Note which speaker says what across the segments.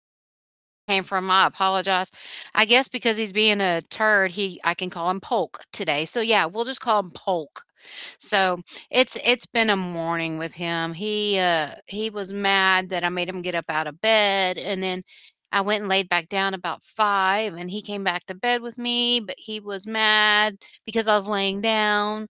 Speaker 1: I don't know where that came from. I apologize. I guess because he's being a turd, he I can call him Polk today. So yeah, we'll just call him Polk. So it's been a morning with him. He was mad that I made him get up out of bed, and then I went and laid back down about five, and he came back to bed with me, but he was mad because I was laying down.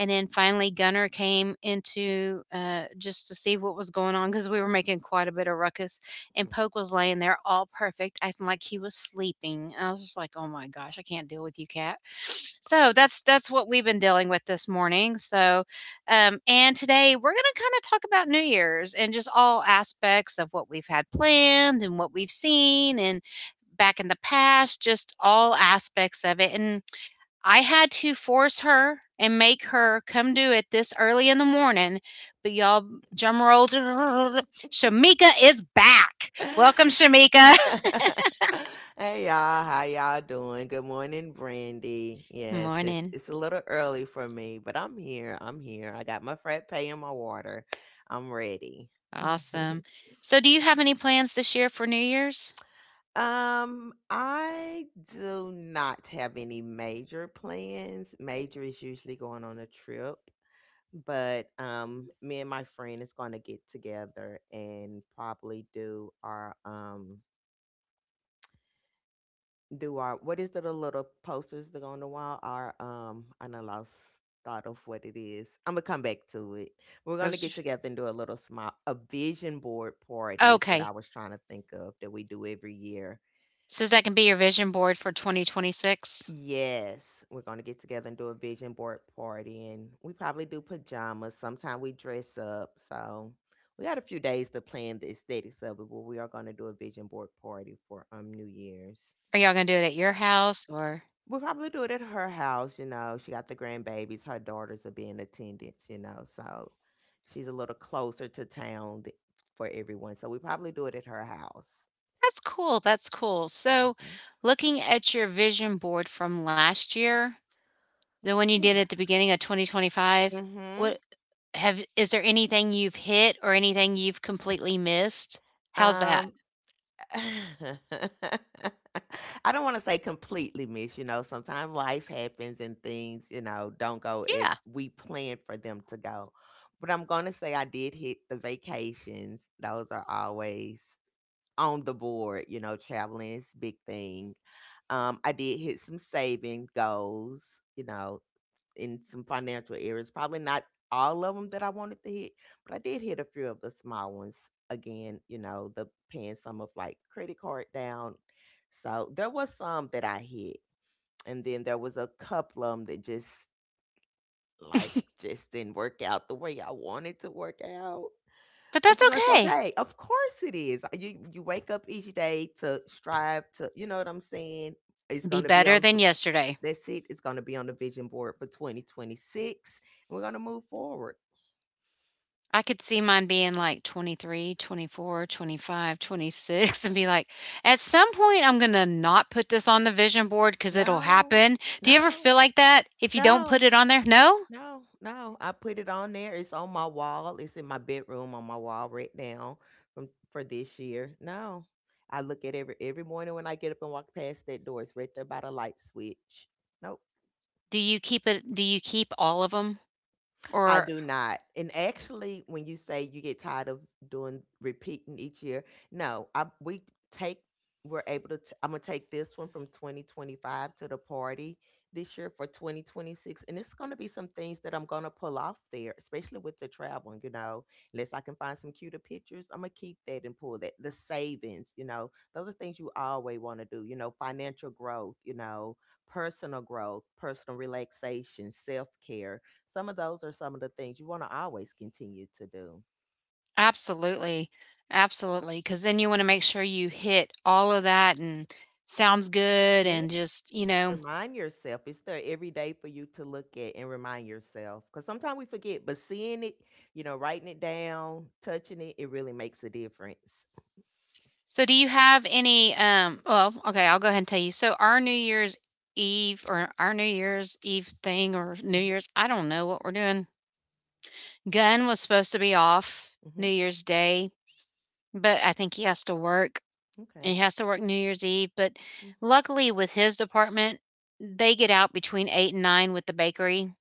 Speaker 1: And then finally, Gunner came into just to see what was going on because we were making quite a bit of ruckus. And Poke was laying there all perfect, acting like he was sleeping. I was just like, oh my gosh, I can't deal with you, cat. So that's what we've been dealing with this morning. So, and today we're going to kind of talk about New Year's and just all aspects of what we've had planned and what we've seen, and back in the past, just all aspects of it. And I had to force her and make her come do it this early in the morning. But y'all, drum roll, Shamika is back. Welcome, Shamika.
Speaker 2: Hey y'all, how y'all doing? Good morning, Brandy.
Speaker 1: Good
Speaker 2: Yes, it's
Speaker 1: morning.
Speaker 2: it's a little early for me, but I'm here. I'm here. I got my frat pay and my water. I'm ready.
Speaker 1: Awesome. So, do you have any plans this year for New Year's?
Speaker 2: I do not have any major plans. Major is usually going on a trip, but me and my friend is going to get together and probably do our what is the little posters that go on the wall are I know lost thought of what it is. I'm gonna come back to it. We're gonna get
Speaker 1: Post.
Speaker 2: together and do a little small a vision board party is what I
Speaker 1: Okay.
Speaker 2: was trying to think of that we do every year.
Speaker 1: So, that can be your vision board for 2026?
Speaker 2: Yes, we're gonna get together and do a vision board party and we probably do pajamas. Sometime we dress up. So we got a few days to plan the aesthetics of it, but we are gonna do a vision board party for New Year's.
Speaker 1: Are y'all going to do it at your house or?
Speaker 2: We'll probably do it at her house, you know. She got the grandbabies. Her daughters will be in attendance, you know. So she's a little closer to town th- for everyone. So we probably do it at her house.
Speaker 1: That's cool. That's cool. So, looking at your vision board from last year, the one you
Speaker 2: Hmm.
Speaker 1: did at the beginning of 2025,
Speaker 2: Hmm.
Speaker 1: what Have is there anything you've hit or anything you've completely missed? How's
Speaker 2: Um,
Speaker 1: that?
Speaker 2: I don't want to say completely miss, you know. Sometimes life happens and things, you know, don't go
Speaker 1: Yeah,
Speaker 2: as we planned for them to go. But I'm going to say I did hit the vacations. Those are always on the board, you know, traveling is a big thing. I did hit some saving goals, you know, in some financial areas. Probably not all of them that I wanted to hit, but I did hit a few of the small ones. Again, you know, the paying some of like credit card down. So there was some that I hit, and then there was a couple of them that just life just didn't work out the way I wanted to work out.
Speaker 1: but that's
Speaker 2: But you know, it's
Speaker 1: okay.
Speaker 2: okay. Of course it is. You wake up each day to strive to, you know what I'm saying? It's
Speaker 1: Be
Speaker 2: gonna be
Speaker 1: better
Speaker 2: on
Speaker 1: than
Speaker 2: the
Speaker 1: yesterday.
Speaker 2: that's it. It's gonna be on the vision board for 2026. And we're gonna move forward.
Speaker 1: I could see mine being like 23, 24, 25, 26, and be like, at some point, I'm going to not put this on the vision board because it'll
Speaker 2: No,
Speaker 1: happen. Do you ever
Speaker 2: no,
Speaker 1: feel like that if you don't put
Speaker 2: no,
Speaker 1: it on there? No?
Speaker 2: no, no. I put it on there. It's on my wall. It's in my bedroom on my wall right now from for this year. No. I look at every morning when I get up and walk past that door. It's right there by the light switch. Nope.
Speaker 1: Do you keep it? Do you keep all of them?
Speaker 2: I
Speaker 1: Or
Speaker 2: do not. And actually, when you say you get tired of doing repeating each year, no, I we take we're able to. T- I'm gonna take this one from 2025 to the party this year for 2026, and it's gonna be some things that I'm gonna pull off there, especially with the traveling. You know, unless I can find some cuter pictures, I'm gonna keep that and pull that. The savings, you know, those are things you always want to do. You know, financial growth. You know, personal growth, personal relaxation, self care some of those are some of the things you want to always continue to do.
Speaker 1: absolutely. Absolutely. Because then you wanna make sure you hit all of that and sounds good
Speaker 2: Yeah.
Speaker 1: and just,
Speaker 2: Remind yourself. It's there every day for you to look at and remind yourself. Because sometimes we forget, but seeing it, you know, writing it down, touching it, it really makes a difference.
Speaker 1: so do you have any, well, okay, I'll go ahead and tell you. So our New Year's Eve thing or New
Speaker 2: Hmm.
Speaker 1: Year's, I don't know what we're doing. Gunn was supposed to be off New
Speaker 2: Hmm.
Speaker 1: Year's Day, but I think he has to work. He
Speaker 2: Okay.
Speaker 1: has to work New Year's Eve, but
Speaker 2: Mm.
Speaker 1: luckily with his department, they get out between 8 and 9 with the bakery.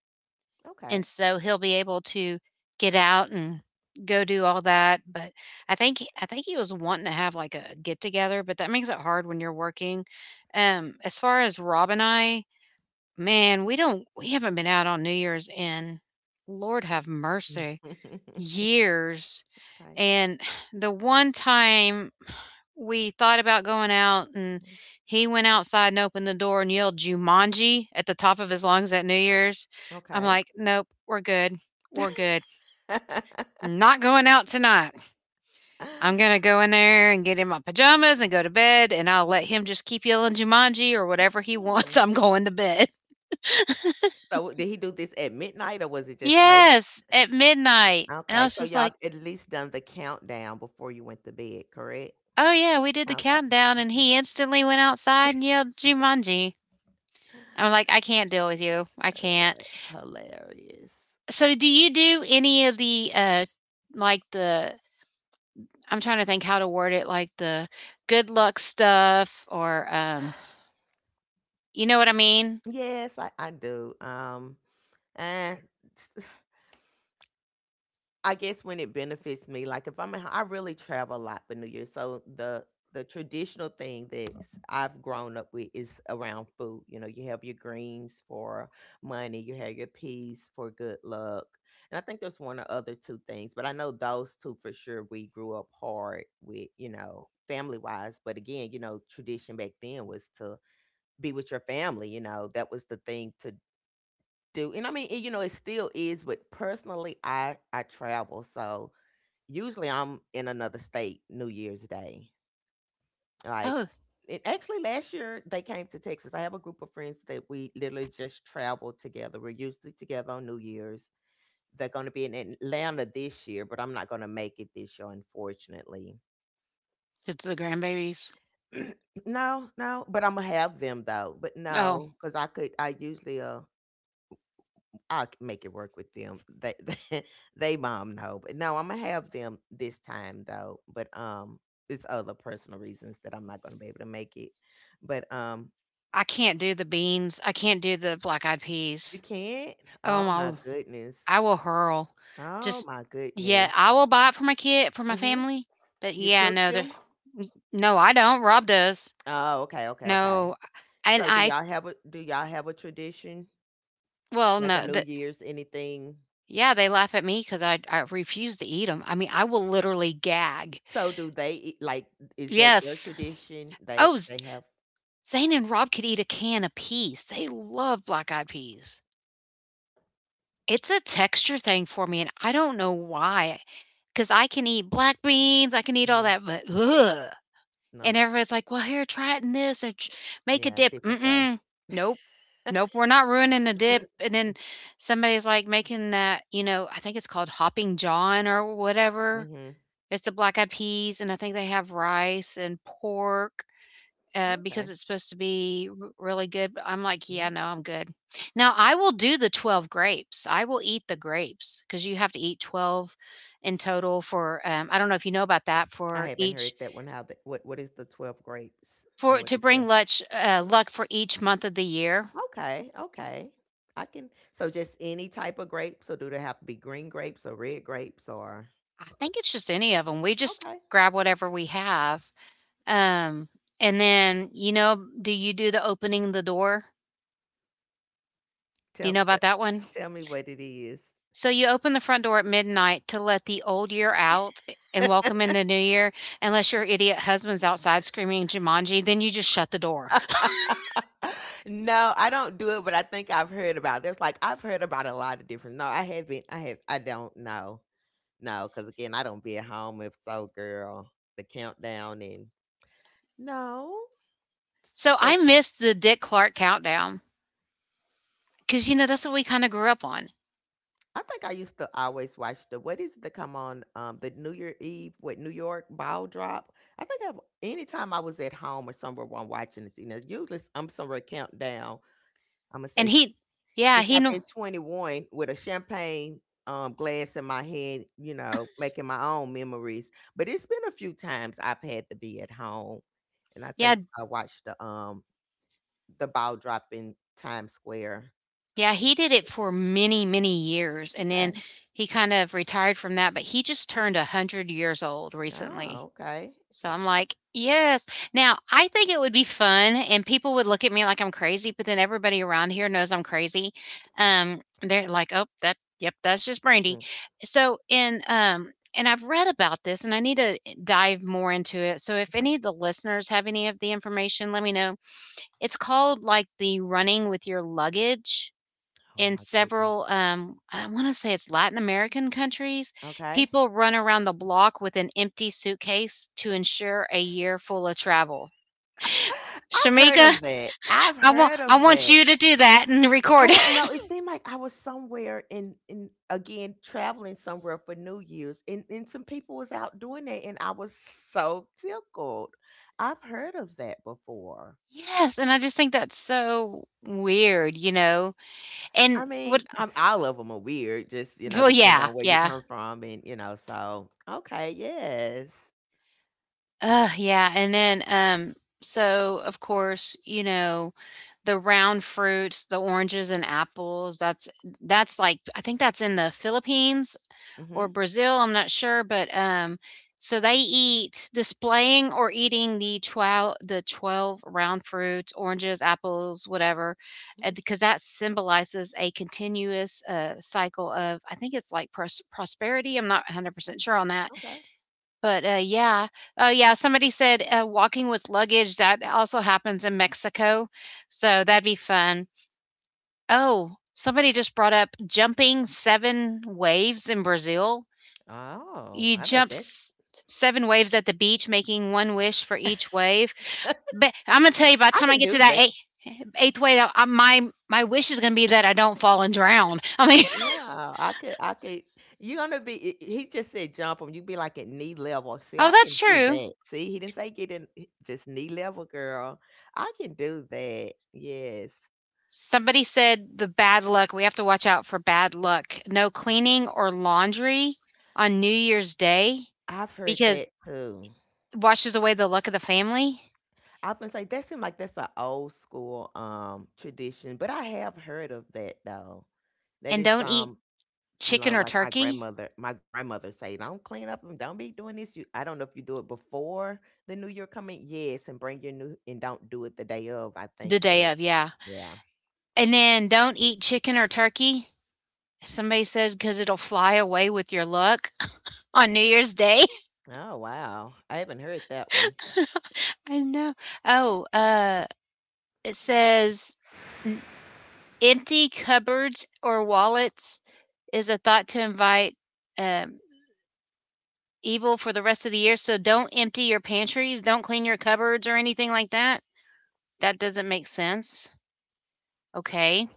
Speaker 2: Okay.
Speaker 1: And so he'll be able to get out and go do all that, but I think he was wanting to have, like, a get-together, but that makes it hard when you're working. As far as Rob and I, man, we haven't been out on New Year's in, Lord have mercy, years,
Speaker 2: Okay.
Speaker 1: and the one time we thought about going out, and he went outside and opened the door and yelled Jumanji at the top of his lungs at New Year's. I'm
Speaker 2: Okay.
Speaker 1: like, nope, we're good. We're good. Not going out tonight. I'm going to go in there and get in my pajamas and go to bed, and I'll let him just keep yelling Jumanji or whatever he wants.
Speaker 2: Mhm.
Speaker 1: I'm going to bed.
Speaker 2: So, did he do this at midnight or was it just late?
Speaker 1: Yes, at midnight. And I
Speaker 2: Okay,
Speaker 1: was
Speaker 2: so
Speaker 1: just
Speaker 2: y'all
Speaker 1: like,
Speaker 2: at least done the countdown before you went to bed, correct?
Speaker 1: oh, yeah, we did the
Speaker 2: Okay.
Speaker 1: countdown, and
Speaker 2: Okay.
Speaker 1: he instantly went outside and yelled Jumanji. I'm like, I can't deal with you. I can't.
Speaker 2: That's hilarious.
Speaker 1: So do you do any of the, like the I'm trying to think how to word it, like the good luck stuff or, you know what I mean?
Speaker 2: Yes, I do. And I guess when it benefits me, like if I really travel a lot for New Year's. So the traditional thing that s- I've grown up with is around food. You know, you have your greens for money, you have your peas for good luck, and I think there's one or other two things, but I know those two for sure. We grew up hard with, you know, family wise, but again, you know, tradition back then was to be with your family. You know, that was the thing to do, and I mean, it, you know, it still is. But personally, I travel so usually I'm in another state New Year's Day. Like,
Speaker 1: Oh,
Speaker 2: and actually, last year they came to Texas. I have a group of friends that we literally just travel together. We're usually together on New Year's. They're going to be in Atlanta this year, but I'm not going to make it this year, unfortunately.
Speaker 1: it's the grandbabies.
Speaker 2: No, no, but I'm gonna have them though. But
Speaker 1: Oh,
Speaker 2: no, because I could. I usually I'll make it work with them. They they, mom know, but no, I'm gonna have them this time though. But it's other personal reasons that I'm not gonna be able to make it. But
Speaker 1: I can't do the beans. I can't do the black eyed
Speaker 2: you
Speaker 1: peas.
Speaker 2: can't.
Speaker 1: Oh
Speaker 2: Oh my
Speaker 1: my,
Speaker 2: goodness.
Speaker 1: I will hurl.
Speaker 2: Oh
Speaker 1: Just,
Speaker 2: my
Speaker 1: yeah,
Speaker 2: goodness.
Speaker 1: I will buy it for my kid, for my
Speaker 2: Mhm.
Speaker 1: family. But
Speaker 2: You
Speaker 1: yeah,
Speaker 2: cook them.
Speaker 1: no, I don't. Rob does.
Speaker 2: Oh, okay, okay, okay.
Speaker 1: No, and
Speaker 2: So do
Speaker 1: I,
Speaker 2: y'all have a do y'all have a tradition
Speaker 1: well,
Speaker 2: like a
Speaker 1: no,
Speaker 2: New
Speaker 1: the,
Speaker 2: Year's anything?
Speaker 1: Yeah, they laugh at me because I refuse to eat them. I mean, I will literally gag.
Speaker 2: So do they eat- like is that their
Speaker 1: Yes.
Speaker 2: tradition?
Speaker 1: Oh, Z
Speaker 2: They have
Speaker 1: Zane and Rob could eat a can apiece. They love black-eyed peas. It's a texture thing for me, and I don't know why. Because I can eat black beans, I can eat all
Speaker 2: mhm,
Speaker 1: that, but, ugh, and
Speaker 2: no
Speaker 1: everybody's like, "Well, here, try it in this or ch make a
Speaker 2: yeah
Speaker 1: dip."
Speaker 2: different way.
Speaker 1: Mm-mm. Nope. Nope, we're not ruining the dip, and then somebody's, like, making that, you know, I think it's called Hopping John or whatever.
Speaker 2: Mhm.
Speaker 1: It's the black eyed peas, and I think they have rice and pork, because
Speaker 2: Okay.
Speaker 1: it's supposed to be r really good, but I'm like, "Yeah,
Speaker 2: Mhm.
Speaker 1: no, I'm good." Now, I will do the 12 grapes. I will eat the grapes because you have to eat 12 in total for, I don't know if you know about that,
Speaker 2: I
Speaker 1: for
Speaker 2: haven't heard
Speaker 1: each
Speaker 2: that one. How the what is the 12 grapes? And
Speaker 1: for
Speaker 2: what
Speaker 1: to
Speaker 2: is the
Speaker 1: bring luck, luck for each month of the year.
Speaker 2: okay, okay. I can so just any type of grapes, or do they have to be green grapes or red grapes or
Speaker 1: I think it's just any of them. We just
Speaker 2: okay.
Speaker 1: grab whatever we have, um, and then, do you do the opening the door? Do you
Speaker 2: Tell
Speaker 1: know
Speaker 2: tell,
Speaker 1: about that one?
Speaker 2: tell me what it is.
Speaker 1: So you open the front door at midnight to let the old year out and welcome in the new year, unless your idiot husband's outside screaming Jumanji, then you just shut the door.
Speaker 2: No, I don't do it, but I think I've heard about it. It's like I've heard about a lot of different. No, I haven't. I have. I don't know. No, because again, I don't be at home. If so, girl, the countdown and no. S-
Speaker 1: So
Speaker 2: So.
Speaker 1: I missed the Dick Clark countdown because, you know, that's what we kind of grew up on.
Speaker 2: I think I used to always watch the what is it that come on the New Year Eve with New York ball drop. I think I've anytime I was at home or somewhere while I'm watching it, you know, usually s- I'm somewhere countdown. I'm gonna
Speaker 1: And
Speaker 2: say
Speaker 1: yeah,
Speaker 2: since I've been 21 with a champagne glass in my hand, you know, making my own memories. But it's been a few times I've had to be at home, and I think
Speaker 1: yeah,
Speaker 2: I watched the ball drop in Times Square.
Speaker 1: yeah, he did it for many, many years. And then
Speaker 2: Okay.
Speaker 1: he kind of retired from that, but he just turned 100 years old recently.
Speaker 2: Oh, okay.
Speaker 1: So I'm like, "Yes." Now, I think it would be fun, and people would look at me like I'm crazy, but then everybody around here knows I'm crazy. They're like, "Oh, that yep, that's just Brandy."
Speaker 2: Mm,
Speaker 1: So, and I've read about this and I need to dive more into it. So if
Speaker 2: okay.
Speaker 1: any of the listeners have any of the information, let me know. It's called like the running with your luggage
Speaker 2: Oh
Speaker 1: in
Speaker 2: my goodness.
Speaker 1: several, I wanna say it's Latin American countries,
Speaker 2: Okay.
Speaker 1: people run around the block with an empty suitcase to ensure a year full of travel.
Speaker 2: I've heard of
Speaker 1: Shamika,
Speaker 2: that. I've heard of
Speaker 1: I want
Speaker 2: that.
Speaker 1: you to do that and
Speaker 2: I
Speaker 1: record
Speaker 2: don't know.
Speaker 1: it.
Speaker 2: It seemed like I was somewhere in again, traveling somewhere for New Year's, and some people was out doing that, and I was so tickled. I've heard of that before.
Speaker 1: Yes, and I just think that's so weird, you know? And
Speaker 2: I mean,
Speaker 1: what
Speaker 2: all of them are weird, just, you know,
Speaker 1: well,
Speaker 2: depending
Speaker 1: yeah,
Speaker 2: on where you
Speaker 1: yeah.
Speaker 2: come from, and, you know, so, okay, yes.
Speaker 1: Ugh, yeah, and then, so, of course, you know, the round fruits, the oranges and apples, that's I think that's in the Philippines or
Speaker 2: Mm-hmm.
Speaker 1: Brazil, I'm not sure, but so they eat displaying or eating the 12 round fruits, oranges, apples, whatever,
Speaker 2: Hmm.
Speaker 1: because that symbolizes a continuous cycle of, I think it's like prosperity. I'm not 100% sure on that.
Speaker 2: Okay.
Speaker 1: But yeah. Oh, yeah. Somebody said walking with luggage. That also happens in Mexico. So that'd be fun. Oh, somebody just brought up jumping 7 waves in Brazil.
Speaker 2: Oh,
Speaker 1: You
Speaker 2: I bet
Speaker 1: jump
Speaker 2: that's,
Speaker 1: 7 waves at the beach, making one wish for each wave. But I'm gonna tell you, by the
Speaker 2: I
Speaker 1: time I
Speaker 2: can
Speaker 1: get to
Speaker 2: do
Speaker 1: that eighth wave, my wish is gonna be that I don't fall and drown. I mean,
Speaker 2: yeah, I could you're gonna be he just said jump him. 'Em, you'd be like at knee level. See,
Speaker 1: oh,
Speaker 2: I can
Speaker 1: that's
Speaker 2: do
Speaker 1: true.
Speaker 2: that. See, he didn't say get in h just knee level, girl. I can do that. Yes.
Speaker 1: Somebody said the bad luck. We have to watch out for bad luck. No cleaning or laundry on New Year's Day
Speaker 2: I've heard
Speaker 1: because
Speaker 2: that too.
Speaker 1: it washes away the luck of the family.
Speaker 2: I have been saying that seems like that's an old school, tradition, but I have heard of that, though. That
Speaker 1: And
Speaker 2: is
Speaker 1: don't eat
Speaker 2: some you
Speaker 1: chicken
Speaker 2: know,
Speaker 1: or
Speaker 2: like
Speaker 1: turkey
Speaker 2: my grandmother say, "Don't clean up and don't be doing this." You, I don't know if you do it before the new year coming, yes, and bring your new and don't do it the day of. I think,
Speaker 1: the day
Speaker 2: but
Speaker 1: of. Yeah.
Speaker 2: yeah.
Speaker 1: And then don't eat chicken or turkey. Somebody said because it'll fly away with your luck on New Year's Day.
Speaker 2: Oh wow, I haven't heard that one.
Speaker 1: I know. Oh, it says, "N- empty cupboards or wallets is a thought to invite, um, evil for the rest of the year. So don't empty your pantries, don't clean your cupboards or anything like that." That doesn't make sense. Okay,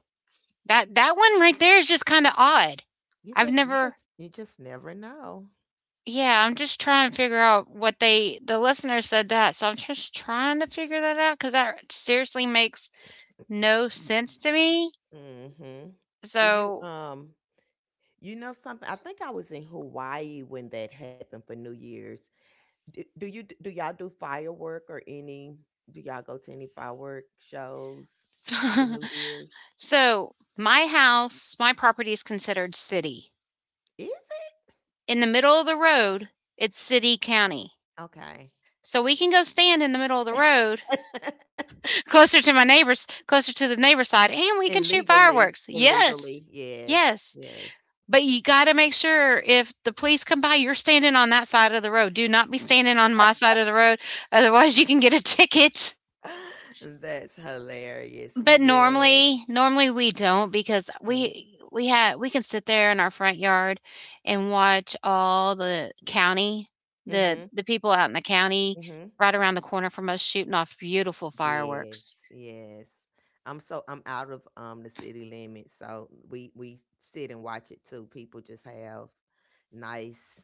Speaker 1: that that one right there is just kind of odd.
Speaker 2: You
Speaker 1: I've
Speaker 2: just, you
Speaker 1: never
Speaker 2: just, you just never know.
Speaker 1: Yeah, I'm just trying to figure out what they the listener said that, so I'm just trying to figure that out because that seriously makes no sense to me.
Speaker 2: Mm-hmm. Do you
Speaker 1: So
Speaker 2: you know something? I think I was in Hawaii when that happened for New Year's. Do, do you d- do y'all do firework or any? Do y'all go to any firework shows for New Year's?
Speaker 1: so my house, my property is considered city.
Speaker 2: Is it?
Speaker 1: In the middle of the road, it's city county.
Speaker 2: Okay.
Speaker 1: So we can go stand in the middle of the road closer to my neighbors, closer to the neighbor side, and we can shoot
Speaker 2: Illegally,
Speaker 1: fireworks. Yes.
Speaker 2: illegally, yes,
Speaker 1: Yes.
Speaker 2: yes.
Speaker 1: But you gotta make sure if the police come by, you're standing on that side of the road. Do not be standing on my side of the road, otherwise you can get a ticket.
Speaker 2: That's hilarious.
Speaker 1: But
Speaker 2: Yes.
Speaker 1: normally, normally we don't because
Speaker 2: Mm.
Speaker 1: we can sit there in our front yard and watch all the county,
Speaker 2: Mhm.
Speaker 1: the
Speaker 2: Mm.
Speaker 1: the people out in the county
Speaker 2: Mhm.
Speaker 1: right around the corner from us shooting off beautiful
Speaker 2: Yes.
Speaker 1: fireworks.
Speaker 2: Yes. I'm so I'm out of the city limits, so we sit and watch it too. People just have nice.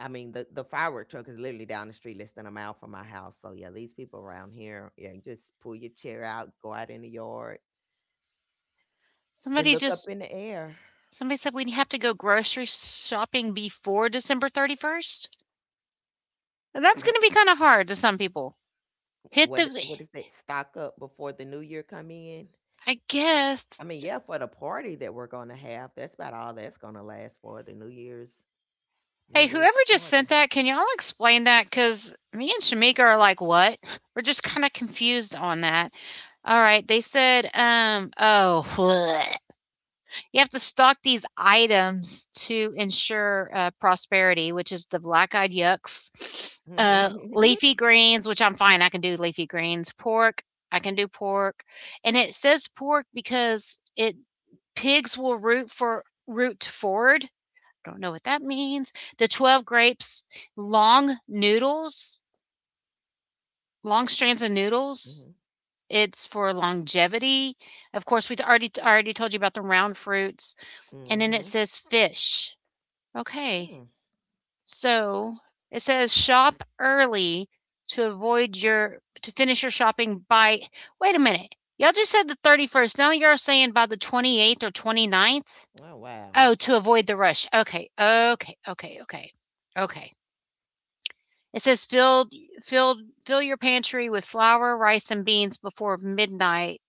Speaker 2: I mean, the firework truck is literally down the street, less than a mile from my house. So yeah, these people around here, yeah, just pull your chair out, go out in the yard, and
Speaker 1: Somebody
Speaker 2: look up
Speaker 1: just
Speaker 2: in the air.
Speaker 1: Somebody said we have to go grocery shopping before December 31st. That's going to
Speaker 2: What's
Speaker 1: be kind of hard to some people. Hit the
Speaker 2: what is that? Stock up before the new year come in?
Speaker 1: I guess.
Speaker 2: I mean, yeah, for the party that we're gonna have, that's about all that's gonna last for the New Year's New
Speaker 1: Hey,
Speaker 2: Year's
Speaker 1: whoever just sent
Speaker 2: party.
Speaker 1: that, can y'all explain that? Because me and Shamika are like, what? We're just kind of confused on that. All right. They said, oh, bleh. You have to stock these items to ensure prosperity, which is the black eyed yucks, leafy greens, which I'm fine. I can do leafy greens, pork. I can do pork. And it says pork because it pigs will root forward. Don't know what that means. The 12 grapes, long noodles, long strands of noodles.
Speaker 2: Mhm.
Speaker 1: It's for longevity. Of course, we already told you about the round fruits, and then it
Speaker 2: Mhm.
Speaker 1: says fish. Okay,
Speaker 2: Mm.
Speaker 1: so it says shop early to finish your shopping by. Wait a minute, y'all just said the 31st. Now you're saying by the 28th or twenty ninth.
Speaker 2: Oh wow.
Speaker 1: Oh, to avoid the rush. Okay, okay. It says filled fill your pantry with flour, rice, and beans before midnight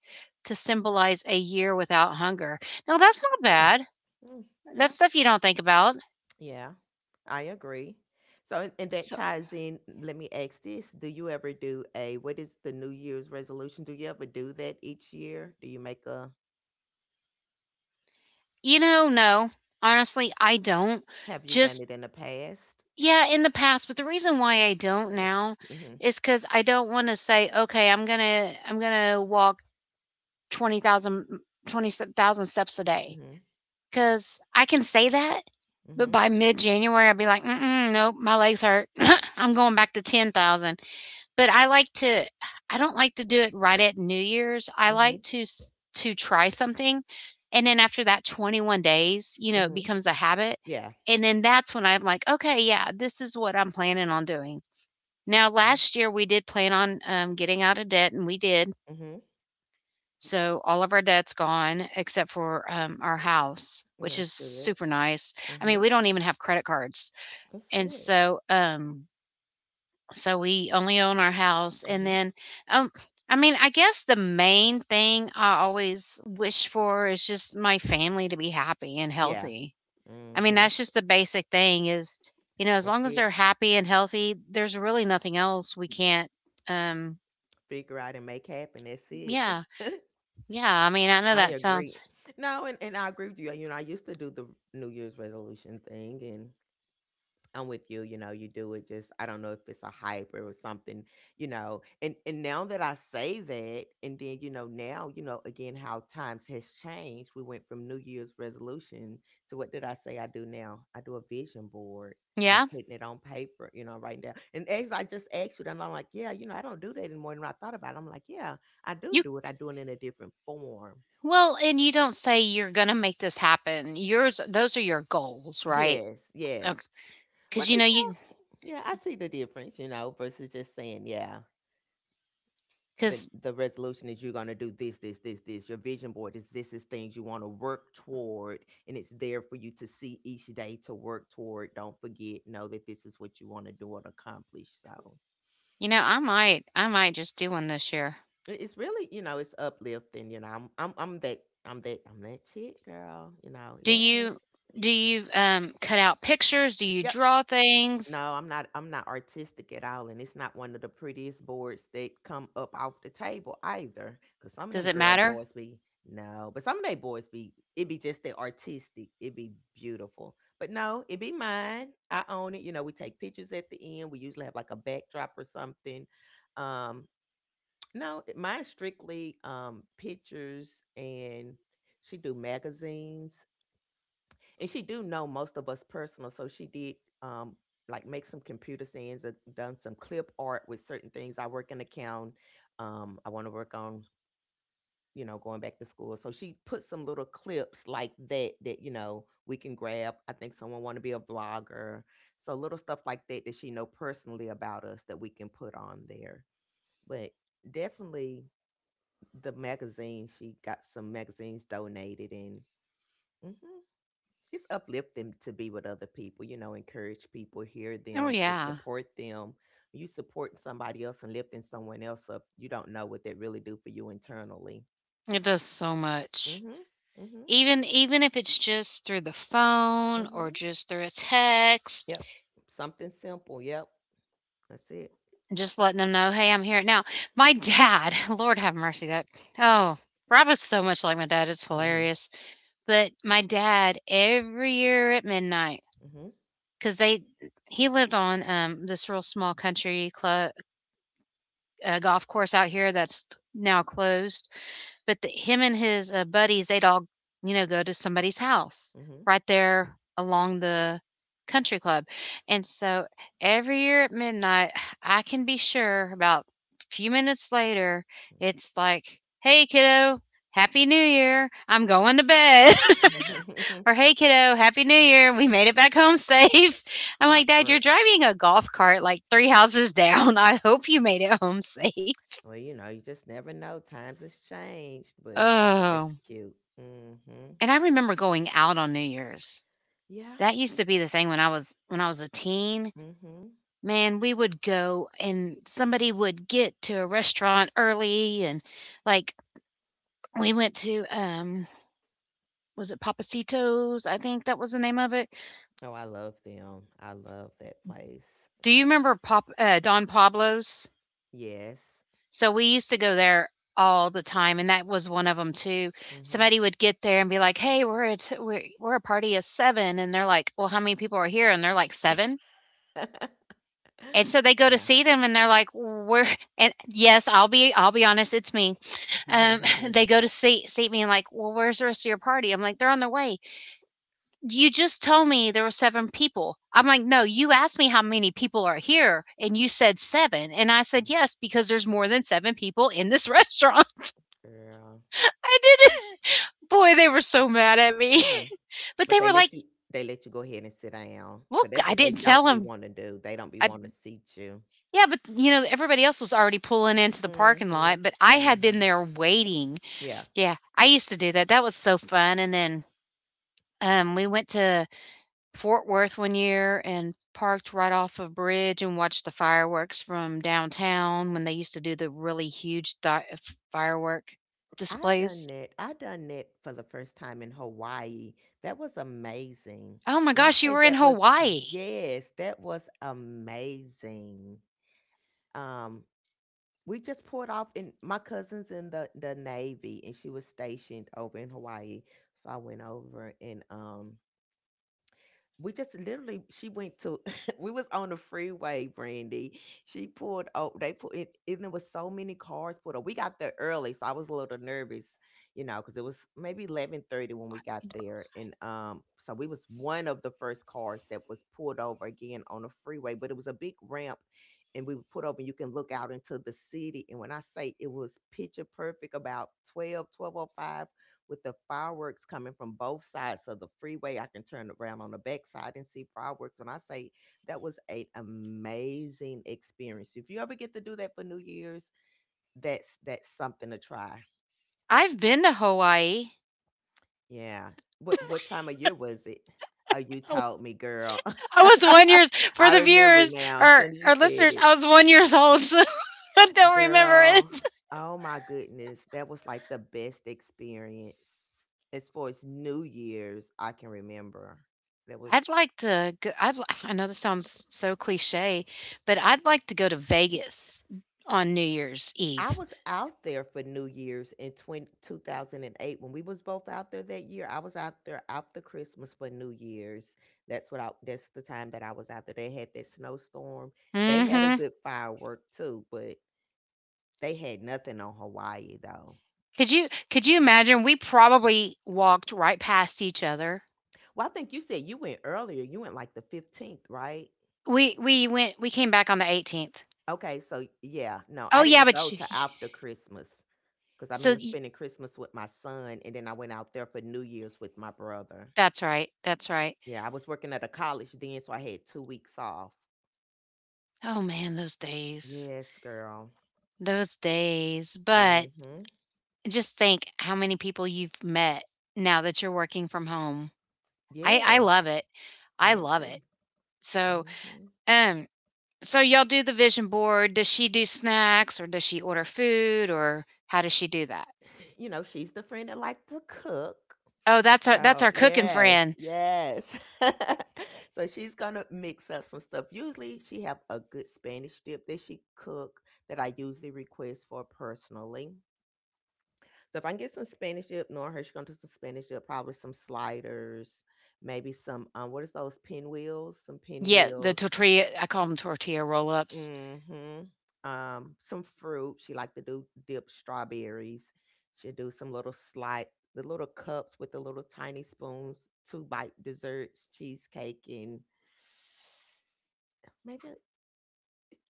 Speaker 1: to symbolize a year without hunger. No, that's not
Speaker 2: Mm.
Speaker 1: bad.
Speaker 2: Mm. Yeah.
Speaker 1: That's stuff you don't think about.
Speaker 2: Yeah. I agree. So, and
Speaker 1: So,
Speaker 2: that ties in. Let me ask this: Do you ever do a what is the New Year's resolution? Do you ever do that each year? Do you make a?
Speaker 1: you know, no. Honestly, I don't.
Speaker 2: Have you done
Speaker 1: Just
Speaker 2: it in the past?
Speaker 1: yeah, in the past, but the reason why I don't now
Speaker 2: Mm-hmm.
Speaker 1: is cuz I don't want to say, "Okay, I'm going to walk 20,000 20,000 steps a day,"
Speaker 2: Mm-hmm.
Speaker 1: because I can say that, but by mid January, I'd be like, mm-mm, nope, my legs hurt. I'm going back to 10,000. But I like to, I don't like to do it right at New Year's. I like
Speaker 2: Mhm.
Speaker 1: to try something. And then after that 21 days, you know, it
Speaker 2: Mhm.
Speaker 1: becomes a habit.
Speaker 2: Yeah.
Speaker 1: And then that's when I'm like, okay, yeah, this is what I'm planning on doing. Now,
Speaker 2: Right.
Speaker 1: last year we did plan on getting out of debt, and we did.
Speaker 2: Mhm.
Speaker 1: So all of our debt's gone except for, our house,
Speaker 2: Mm,
Speaker 1: which
Speaker 2: that's
Speaker 1: is
Speaker 2: good.
Speaker 1: super nice. I mean,
Speaker 2: Mhm.
Speaker 1: we don't even have credit cards.
Speaker 2: That's
Speaker 1: And
Speaker 2: good.
Speaker 1: so, so we only own our house and
Speaker 2: Mhm.
Speaker 1: then, um, I mean, I guess the main thing I always wish for is just my family to be happy and
Speaker 2: Yeah.
Speaker 1: healthy. I mean,
Speaker 2: Mhm.
Speaker 1: that's just the basic thing is, you know, as
Speaker 2: That's
Speaker 1: long as
Speaker 2: it.
Speaker 1: they're happy and healthy, there's really nothing else we can't, um,
Speaker 2: Figure out and make happen. That's it.
Speaker 1: yeah, yeah. I mean, I know
Speaker 2: I
Speaker 1: that sounds
Speaker 2: agree. No, and I agree with you. I used to do the New Year's resolution thing, and I'm with you, you know, you do it just I don't know if it's a hype or something. And now that I say that, and then, now, again how times has changed. We went from New Year's resolution to what did I say I do now? I do a vision board. I'm
Speaker 1: yeah?
Speaker 2: putting it on paper, right now. And as I just asked you, and I'm like, yeah, I don't do that anymore. And when I thought about it, I'm like, yeah, I do
Speaker 1: You
Speaker 2: do it. I do it in a different form.
Speaker 1: Well, and you don't say you're gonna make this happen. Yours, those are your goals, right?
Speaker 2: Yes, yes.
Speaker 1: Because
Speaker 2: What?
Speaker 1: you know, you,
Speaker 2: Yeah, yeah, I see the difference, versus just saying, yeah, the
Speaker 1: because
Speaker 2: the resolution is you're going to do this, this, this, this. Your vision board is this is things you want to work toward, and it's there for you to see each day to work toward, don't forget, know that this is what you want to do and accomplish. So
Speaker 1: you know, I might, I might just do one this year.
Speaker 2: it's really, it's uplifting. I'm that chick girl,
Speaker 1: Do
Speaker 2: yes.
Speaker 1: you do you, cut out pictures? Do you
Speaker 2: Yep.
Speaker 1: draw
Speaker 2: No,
Speaker 1: things?
Speaker 2: I'm not artistic at all, and it's not one of the prettiest boards that come up off the table either. Cause some of
Speaker 1: Does
Speaker 2: them
Speaker 1: it
Speaker 2: girl
Speaker 1: matter?
Speaker 2: boards be. No, but some of they boards be, it be just that artistic, it be beautiful. But no, it be mine, I own it, you know, we take pictures at the end, we usually have, like, a backdrop or something, um, no, mine's strictly, pictures, and she do magazines, and she do know most of us personal, so she did, um like, make some computer scenes and done some clip art with certain things. I work in account, I want to work on, you know, going back to school, so she put some little clips like that, that, you know, we can grab. I think someone want to be a vlogger, so little stuff like that that she know personally about us that we can put on there. But definitely the magazine, she got some magazines donated, and mhm, it's uplifting to be with other people, you know, encourage people, hear
Speaker 1: Oh,
Speaker 2: them, and
Speaker 1: yeah.
Speaker 2: support them. You supporting somebody else and lifting someone else up, you don't know what that really do for you internally.
Speaker 1: It does so
Speaker 2: Mm.
Speaker 1: much.
Speaker 2: Mhm. Mm. Mhm.
Speaker 1: Even, even if it's just through the
Speaker 2: Mm.
Speaker 1: phone or
Speaker 2: Mhm.
Speaker 1: just through a text,
Speaker 2: Yep. Something simple. Yep. That's it.
Speaker 1: just letting them know, "Hey, I'm here." Now, my dad, Lord have mercy, that oh, Rob is so much like my dad, it's
Speaker 2: Mm. Mhm.
Speaker 1: hilarious. But my dad, every year at midnight, because they he lived on, this real small country club golf course out here that's now closed, but the, him and his buddies, they'd all, you know, go to somebody's house
Speaker 2: Mm. Mhm.
Speaker 1: right there along the country club. And so every year at midnight, I can be sure about a few minutes later, it's like, hey, kiddo, happy new year. I'm going to bed.
Speaker 2: Mm. Mhm.
Speaker 1: Or hey, kiddo, happy new year. We made it back home safe. I'm like, Dad, you're
Speaker 2: Clockwork.
Speaker 1: driving a golf cart like three houses down. I hope you made it home safe.
Speaker 2: Well, you know, you just never know. Times has changed, but that's
Speaker 1: Oh,
Speaker 2: cute. Mm. Mhm.
Speaker 1: and I remember going out on New Year's.
Speaker 2: Yeah.
Speaker 1: That used to be the thing when I was, when I was a teen.
Speaker 2: Mm. Mhm.
Speaker 1: Man, we would go and somebody would get to a restaurant early and like we went to was it Papacitos? I think that was the name of it.
Speaker 2: Oh, I love them. I love that place.
Speaker 1: Do you remember Pop Don Pablo's?
Speaker 2: Yes.
Speaker 1: So we used to go there all the time, and that was one of them too.
Speaker 2: Mhm.
Speaker 1: Somebody would get there and be like, "Hey, we're a party of seven." And they're like, "Well, how many people are here?" And they're like, "7." And so they go to
Speaker 2: Yeah.
Speaker 1: see them and they're like, "We're and yes, I'll be honest, it's me." Um they go to see me and like, "Well, where's the rest of your party?" I'm like, "They're on their way." "You just told me there were 7 people." I'm like, "No, you asked me how many people are here and you said 7." And I said,
Speaker 2: Mhm.
Speaker 1: "Yes, because there's more than 7 people in this restaurant."
Speaker 2: Girl.
Speaker 1: I didn't Boy, they were so mad at me.
Speaker 2: Mm.
Speaker 1: But
Speaker 2: But
Speaker 1: they
Speaker 2: they
Speaker 1: were like,
Speaker 2: let you, they let you go ahead and sit down. Cause
Speaker 1: "Look,
Speaker 2: that's
Speaker 1: I
Speaker 2: what they
Speaker 1: didn't tell
Speaker 2: don't be
Speaker 1: them."
Speaker 2: wanna do. They don't be
Speaker 1: I,
Speaker 2: wanna seat you.
Speaker 1: yeah, but you know, everybody else was already pulling into the parking
Speaker 2: Mhm.
Speaker 1: lot, but I had been
Speaker 2: Mhm.
Speaker 1: there waiting.
Speaker 2: Yeah.
Speaker 1: Yeah, I used to do that. That was so fun, and then, we went to Fort Worth one year and parked right off a bridge and watched the fireworks from downtown when they used to do the really huge di f firework
Speaker 2: I done
Speaker 1: displays.
Speaker 2: that. I done that for the first time in Hawaii. That was amazing.
Speaker 1: Oh my
Speaker 2: When I
Speaker 1: gosh, you
Speaker 2: say
Speaker 1: were in
Speaker 2: that was,
Speaker 1: Hawaii.
Speaker 2: yes, that was amazing. Um, We just pulled off, and my cousin's in the Navy, and she was stationed over in Hawaii. So I went over, and we just literally, she went to we was on the freeway, Brandy. She pulled, oh, they put it, and there was so many cars pulled up. We got there early, so I was a little nervous, you know, because it was maybe 11:30 when we got there. And so we was one of the first cars that was pulled over again on the freeway, but it was a big ramp, and we were put over, and you can look out into the city. And when I say, it was picture perfect about 12, 12:05, with the fireworks coming from both sides of the freeway. I can turn around on the backside and see fireworks. When I say that was an amazing experience. If you ever get to do that for New Year's, that's something to try.
Speaker 1: I've been to Hawaii.
Speaker 2: Yeah. What time of year was it? Oh, you
Speaker 1: Oh,
Speaker 2: told me, girl.
Speaker 1: I was 1 years, for
Speaker 2: I
Speaker 1: the
Speaker 2: remember
Speaker 1: viewers
Speaker 2: now. As soon as you
Speaker 1: or
Speaker 2: said
Speaker 1: listeners,
Speaker 2: it,
Speaker 1: I was 1 years old, so I don't remember
Speaker 2: girl.
Speaker 1: it.
Speaker 2: Oh my goodness, that was like the best experience as far as New Year's I can remember. That was.
Speaker 1: I'd like to go I'd li I know this sounds so cliche, but I'd like to go to Vegas on New Year's Eve.
Speaker 2: I was out there for New Year's in 20 2008, when we was both out there that year. I was out there after Christmas for New Year's. That's the time that I was out there. They had that snowstorm. They had a
Speaker 1: Mhm.
Speaker 2: good firework too, but they had nothing on Hawaii though.
Speaker 1: Could you imagine? We probably walked right past each other.
Speaker 2: Well, I think you said you went earlier. You went like the 15th, right?
Speaker 1: We came back on the 18th.
Speaker 2: Okay, so yeah, no,
Speaker 1: Oh,
Speaker 2: I
Speaker 1: yeah,
Speaker 2: didn't go
Speaker 1: but you
Speaker 2: to
Speaker 1: you
Speaker 2: after Christmas because I
Speaker 1: so
Speaker 2: remember
Speaker 1: you
Speaker 2: spending Christmas with my son, and then I went out there for New Year's with my brother.
Speaker 1: that's right, that's right.
Speaker 2: Yeah, I was working at a college then, so I had 2 weeks off.
Speaker 1: Oh, man, those days.
Speaker 2: Yes, girl.
Speaker 1: Those days. But
Speaker 2: Mhm.
Speaker 1: just think how many people you've met now that you're working from home. I
Speaker 2: Yeah,
Speaker 1: love it. I
Speaker 2: I
Speaker 1: love it.
Speaker 2: agree.
Speaker 1: So
Speaker 2: Mhm.
Speaker 1: um, so y'all do the vision board. Does she do snacks or does she order food or how does she do that?
Speaker 2: You know, she's the friend that like to cook.
Speaker 1: Oh, that's our, that's
Speaker 2: So,
Speaker 1: our cooking
Speaker 2: yes,
Speaker 1: friend.
Speaker 2: yes. So she's gonna mix up some stuff. Usually, she have a good Spanish dip that she cook, that I usually request for personally. So if I can get some Spanish dip, knowing her, she's gonna do some Spanish dip, probably some sliders, maybe some what is those pinwheels? Some
Speaker 1: Yeah, the
Speaker 2: pinwheels,
Speaker 1: tortilla, I call them tortilla roll ups.
Speaker 2: hmm. Some fruit. She liked to do dip strawberries. She'd do some little slight, the little cups with the little tiny spoons, two bite desserts, cheesecake, and maybe,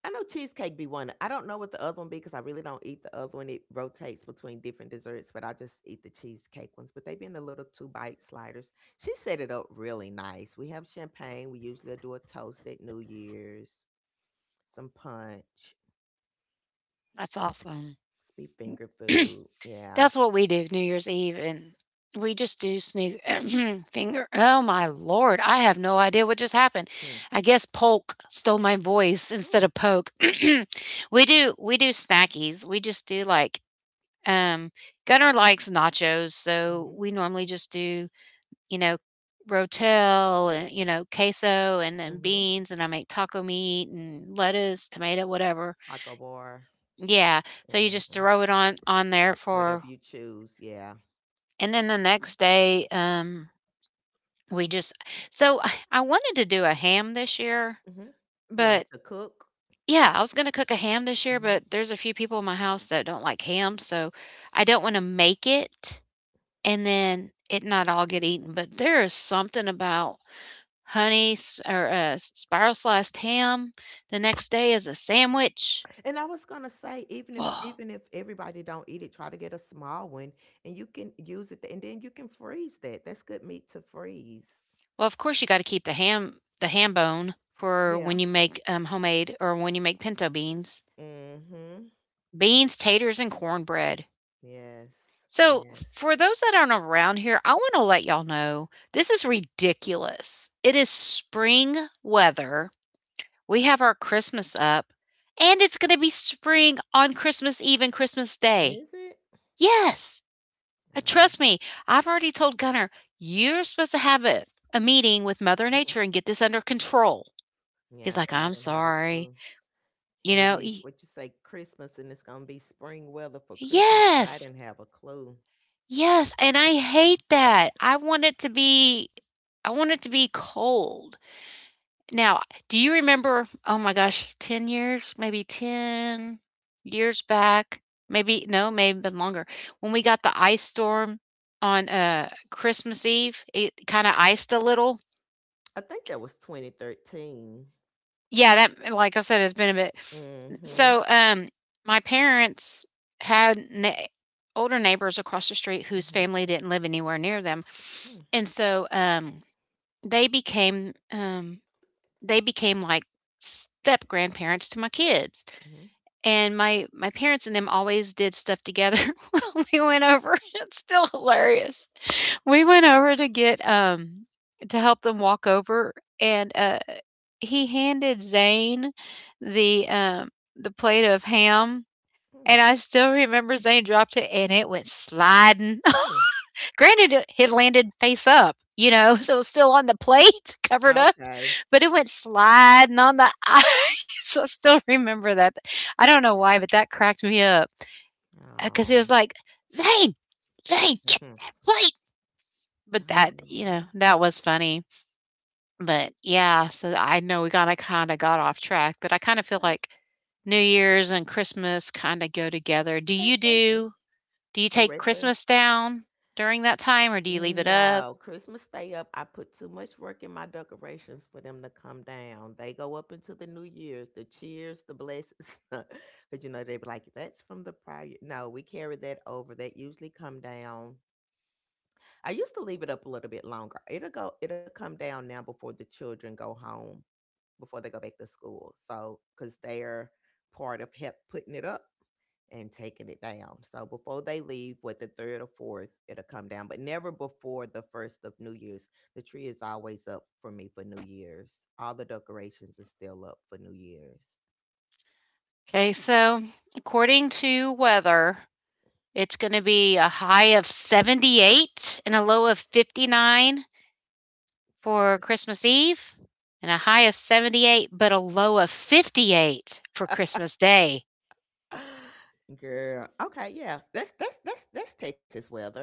Speaker 2: I know cheesecake be one. I don't know what the other one be because I really don't eat the other one. It rotates between different desserts, but I just eat the cheesecake ones. But they be in the little two bite sliders. She set it up really nice. We have champagne. We usually do a toast at New Year's, some punch.
Speaker 1: That's awesome.
Speaker 2: Sweet finger food, yeah.
Speaker 1: That's what we do New Year's Eve and we just do sneak finger, oh my lord, I have no idea what just happened.
Speaker 2: Hmm.
Speaker 1: I guess polk stole my voice instead
Speaker 2: Mm.
Speaker 1: of poke. We do snackies. We just do like um, Gunner likes nachos, so
Speaker 2: Mhm,
Speaker 1: we normally just do, you know, rotel and, you know, queso and then
Speaker 2: mhm.
Speaker 1: beans, and I make taco meat and lettuce, tomato, whatever.
Speaker 2: Taco bar,
Speaker 1: Yeah, so you just
Speaker 2: mhm.
Speaker 1: throw it on there for
Speaker 2: Whatever you choose, yeah.
Speaker 1: and then the next day, we just so I wanted to do a ham this year,
Speaker 2: Mhm. You want
Speaker 1: but
Speaker 2: to cook?
Speaker 1: yeah, I was gonna cook a ham this year,
Speaker 2: Mhm.
Speaker 1: but there's a few people in my house that don't like ham, so I don't want to make it and then it not all get eaten. But there is something about honey s or, spiral sliced ham the next day as a sandwich.
Speaker 2: And I was gonna say, even if
Speaker 1: Oh.
Speaker 2: even if everybody don't eat it, try to get a small one, and you can use it, and then you can freeze that. That's good meat to freeze.
Speaker 1: Well, of course, you gotta keep the ham bone for
Speaker 2: Yeah.
Speaker 1: when you make, homemade or when you make pinto beans.
Speaker 2: Mm-hmm.
Speaker 1: Beans, taters, and cornbread.
Speaker 2: Yes.
Speaker 1: So,
Speaker 2: Yes.
Speaker 1: for those that aren't around here, I wanna let y'all know, this is ridiculous. It is spring weather. We have our Christmas up, and it's going to be spring on Christmas Eve and Christmas Day.
Speaker 2: Is it?
Speaker 1: Yes,
Speaker 2: Oh.
Speaker 1: trust me. I've already told Gunnar you're supposed to have a meeting with Mother Nature and get this under control. He's
Speaker 2: Yeah,
Speaker 1: like,
Speaker 2: girl, I
Speaker 1: I'm
Speaker 2: didn't have a
Speaker 1: sorry.
Speaker 2: clue.
Speaker 1: You
Speaker 2: Here it
Speaker 1: know,
Speaker 2: is.
Speaker 1: y-
Speaker 2: What you say, Christmas, and it's gonna be spring weather for Christmas. Girl, I
Speaker 1: yes,
Speaker 2: didn't have a clue.
Speaker 1: yes, and I hate that. I want it to be, I want it to be cold. Now, do you remember oh my gosh, 10 years, maybe 10 years back, maybe, no, maybe have been longer, when we got the ice storm on, Christmas Eve, it kinda iced a little?
Speaker 2: I think that was 2013.
Speaker 1: Yeah, that like I said, it's been a bit.
Speaker 2: Mm-hmm.
Speaker 1: So, my parents had nei older neighbors across the street whose
Speaker 2: Mm-hmm.
Speaker 1: family didn't live anywhere near them,
Speaker 2: Mm,
Speaker 1: and so, they became, um, they became like step-grandparents to my kids.
Speaker 2: mhm,
Speaker 1: And my parents and them always did stuff together. We went over it's still hilarious. We went over to get, to help them walk over, and, he handed Zane the, um the plate of ham, and
Speaker 2: mm,
Speaker 1: I still remember Zane dropped it, and it went sliding.
Speaker 2: mm.
Speaker 1: Granted, it had landed face up, you know, so it was still on the plate, covered up,
Speaker 2: Okay.
Speaker 1: but it went sliding on the ice. So I still remember that. I don't know why, but that cracked me up because it was
Speaker 2: Oh.
Speaker 1: like, Zane, Zane, get
Speaker 2: Mm-hmm.
Speaker 1: that plate. But that, you know,
Speaker 2: Oh.
Speaker 1: that was funny. But yeah, so I know we kind of got off track, but I kind of feel
Speaker 2: Yeah,
Speaker 1: like New Year's and Christmas kind of go together. Do
Speaker 2: they,
Speaker 1: you
Speaker 2: they do.
Speaker 1: do? Do you
Speaker 2: They
Speaker 1: take
Speaker 2: right there.
Speaker 1: Christmas down during that time, or do you leave it up?
Speaker 2: No, Christmas stay up. I put too much work in my decorations for them to come down. They go up into the new year, the cheers, the blessings. Because you know they be like, that's from the prior. No, we carry that over. That usually come down. I used to leave it up a little bit longer. It'll come down now before the children go home, before they go back to school. So because they're part of help putting it up and taking it down. So before they leave, with the third or fourth, it'll come down, but never before the first of New Year's. The tree is always up for me for New Year's. All the decorations are still up for New Year's.
Speaker 1: Okay, so according to weather, it's going to be a high of 78 and a low of 59 for Christmas Eve, and a high of 78 but a low of 58 for Christmas Day.
Speaker 2: Girl, okay, yeah, that's Texas weather.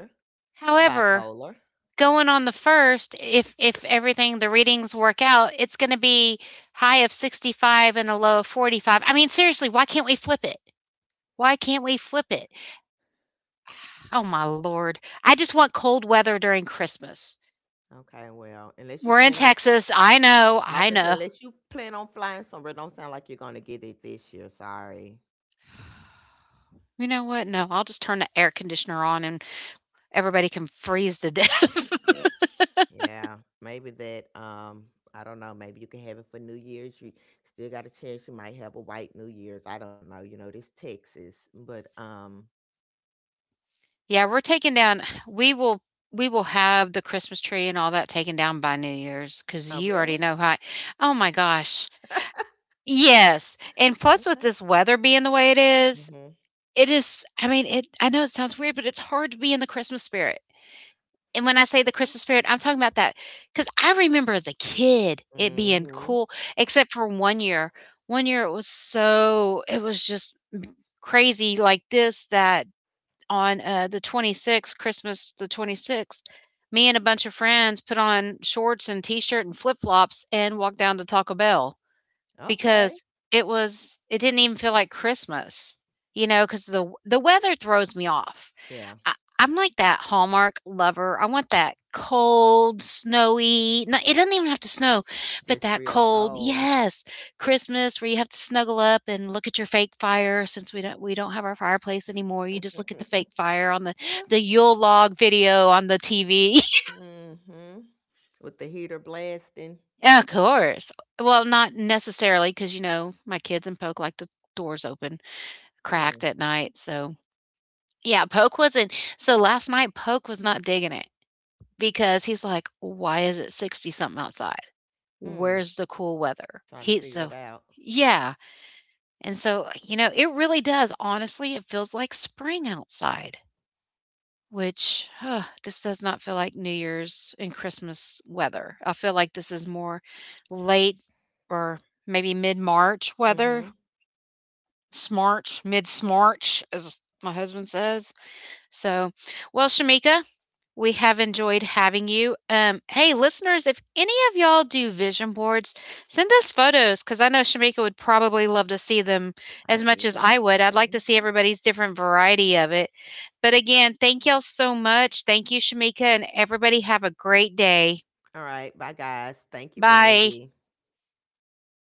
Speaker 1: However,
Speaker 2: Bipolar.
Speaker 1: going on the first, if everything the readings work out, it's going to be high of 65 and a low of 45. I mean, seriously, why can't we flip it? Why can't we flip it? Oh my lord. I just want cold weather during Christmas.
Speaker 2: Okay, well, unless you
Speaker 1: We're in
Speaker 2: plan on,
Speaker 1: Texas. I know.
Speaker 2: I've been
Speaker 1: I
Speaker 2: saying,
Speaker 1: know.
Speaker 2: unless you plan on flying somewhere, don't sound like you're going to get it this year. Sorry.
Speaker 1: You know what? No, I'll just turn the air conditioner on and everybody can freeze to death.
Speaker 2: Yeah, maybe that. I don't know. Maybe you can have it for New Year's. You still got a chance. You might have a white New Year's. I don't know. You know, this Texas, but.
Speaker 1: yeah, we're taking down we will we will have the Christmas tree and all that taken down by New Year's cuz
Speaker 2: Oh,
Speaker 1: you already
Speaker 2: really?
Speaker 1: know how I- Oh my gosh. Yes. And plus with
Speaker 2: Okay.
Speaker 1: this weather being the way it is,
Speaker 2: Mhm.
Speaker 1: I mean, it I know it sounds weird, but it's hard to be in the Christmas spirit. And when I say the
Speaker 2: Okay.
Speaker 1: Christmas spirit, I'm talking about that because I remember as a kid it being
Speaker 2: Mhm.
Speaker 1: cool, except for one year. One year it was so, it was just crazy like this that on the 26th, Christmas the 26th, me and a bunch of friends put on shorts and t shirt and flip flops and walked down to Taco Bell
Speaker 2: Okay.
Speaker 1: because it was, it didn't even feel like Christmas, you know, because the weather throws me off.
Speaker 2: Yeah.
Speaker 1: I'm like that Hallmark lover. I want that cold, snowy no, it doesn't even have to snow, but
Speaker 2: Just
Speaker 1: that
Speaker 2: real
Speaker 1: cold
Speaker 2: cold.
Speaker 1: yes, Christmas where you have to snuggle up and look at your fake fire since we don't have our fireplace anymore. You just look at the fake fire on the
Speaker 2: Yeah.
Speaker 1: the Yule log video on the TV.
Speaker 2: Mhm. With the heater blasting.
Speaker 1: Yeah, of course. Well, not necessarily, because you know, my kids and Poke like the doors open, cracked
Speaker 2: Mm,
Speaker 1: at night, so yeah, Poke wasn't last night Poke was not digging it. Because he's like, "Why is it 60 something outside?
Speaker 2: mm,
Speaker 1: Where's the cool weather?"
Speaker 2: trying to
Speaker 1: He
Speaker 2: figure it
Speaker 1: so
Speaker 2: out.
Speaker 1: yeah, and so, you know, it really does, honestly, it feels like spring outside, which huh, this does not feel like New Year's and Christmas weather. I feel like this is more late or maybe mid-March weather,
Speaker 2: Mm-hmm.
Speaker 1: smarch, mid-smarch, as my husband says. So, well, Shamika, we have enjoyed having you. Hey, listeners, if any of y'all do vision boards, send us photos because I know Shamika would probably love to see them
Speaker 2: I
Speaker 1: as much as
Speaker 2: do.
Speaker 1: I would. I'd like to see
Speaker 2: Mm-hmm.
Speaker 1: everybody's different variety of it. But again, thank y'all so much. Thank you, Shamika, and everybody have a great day.
Speaker 2: All right. Bye, guys. Thank you,
Speaker 1: Bye.
Speaker 2: Brandy.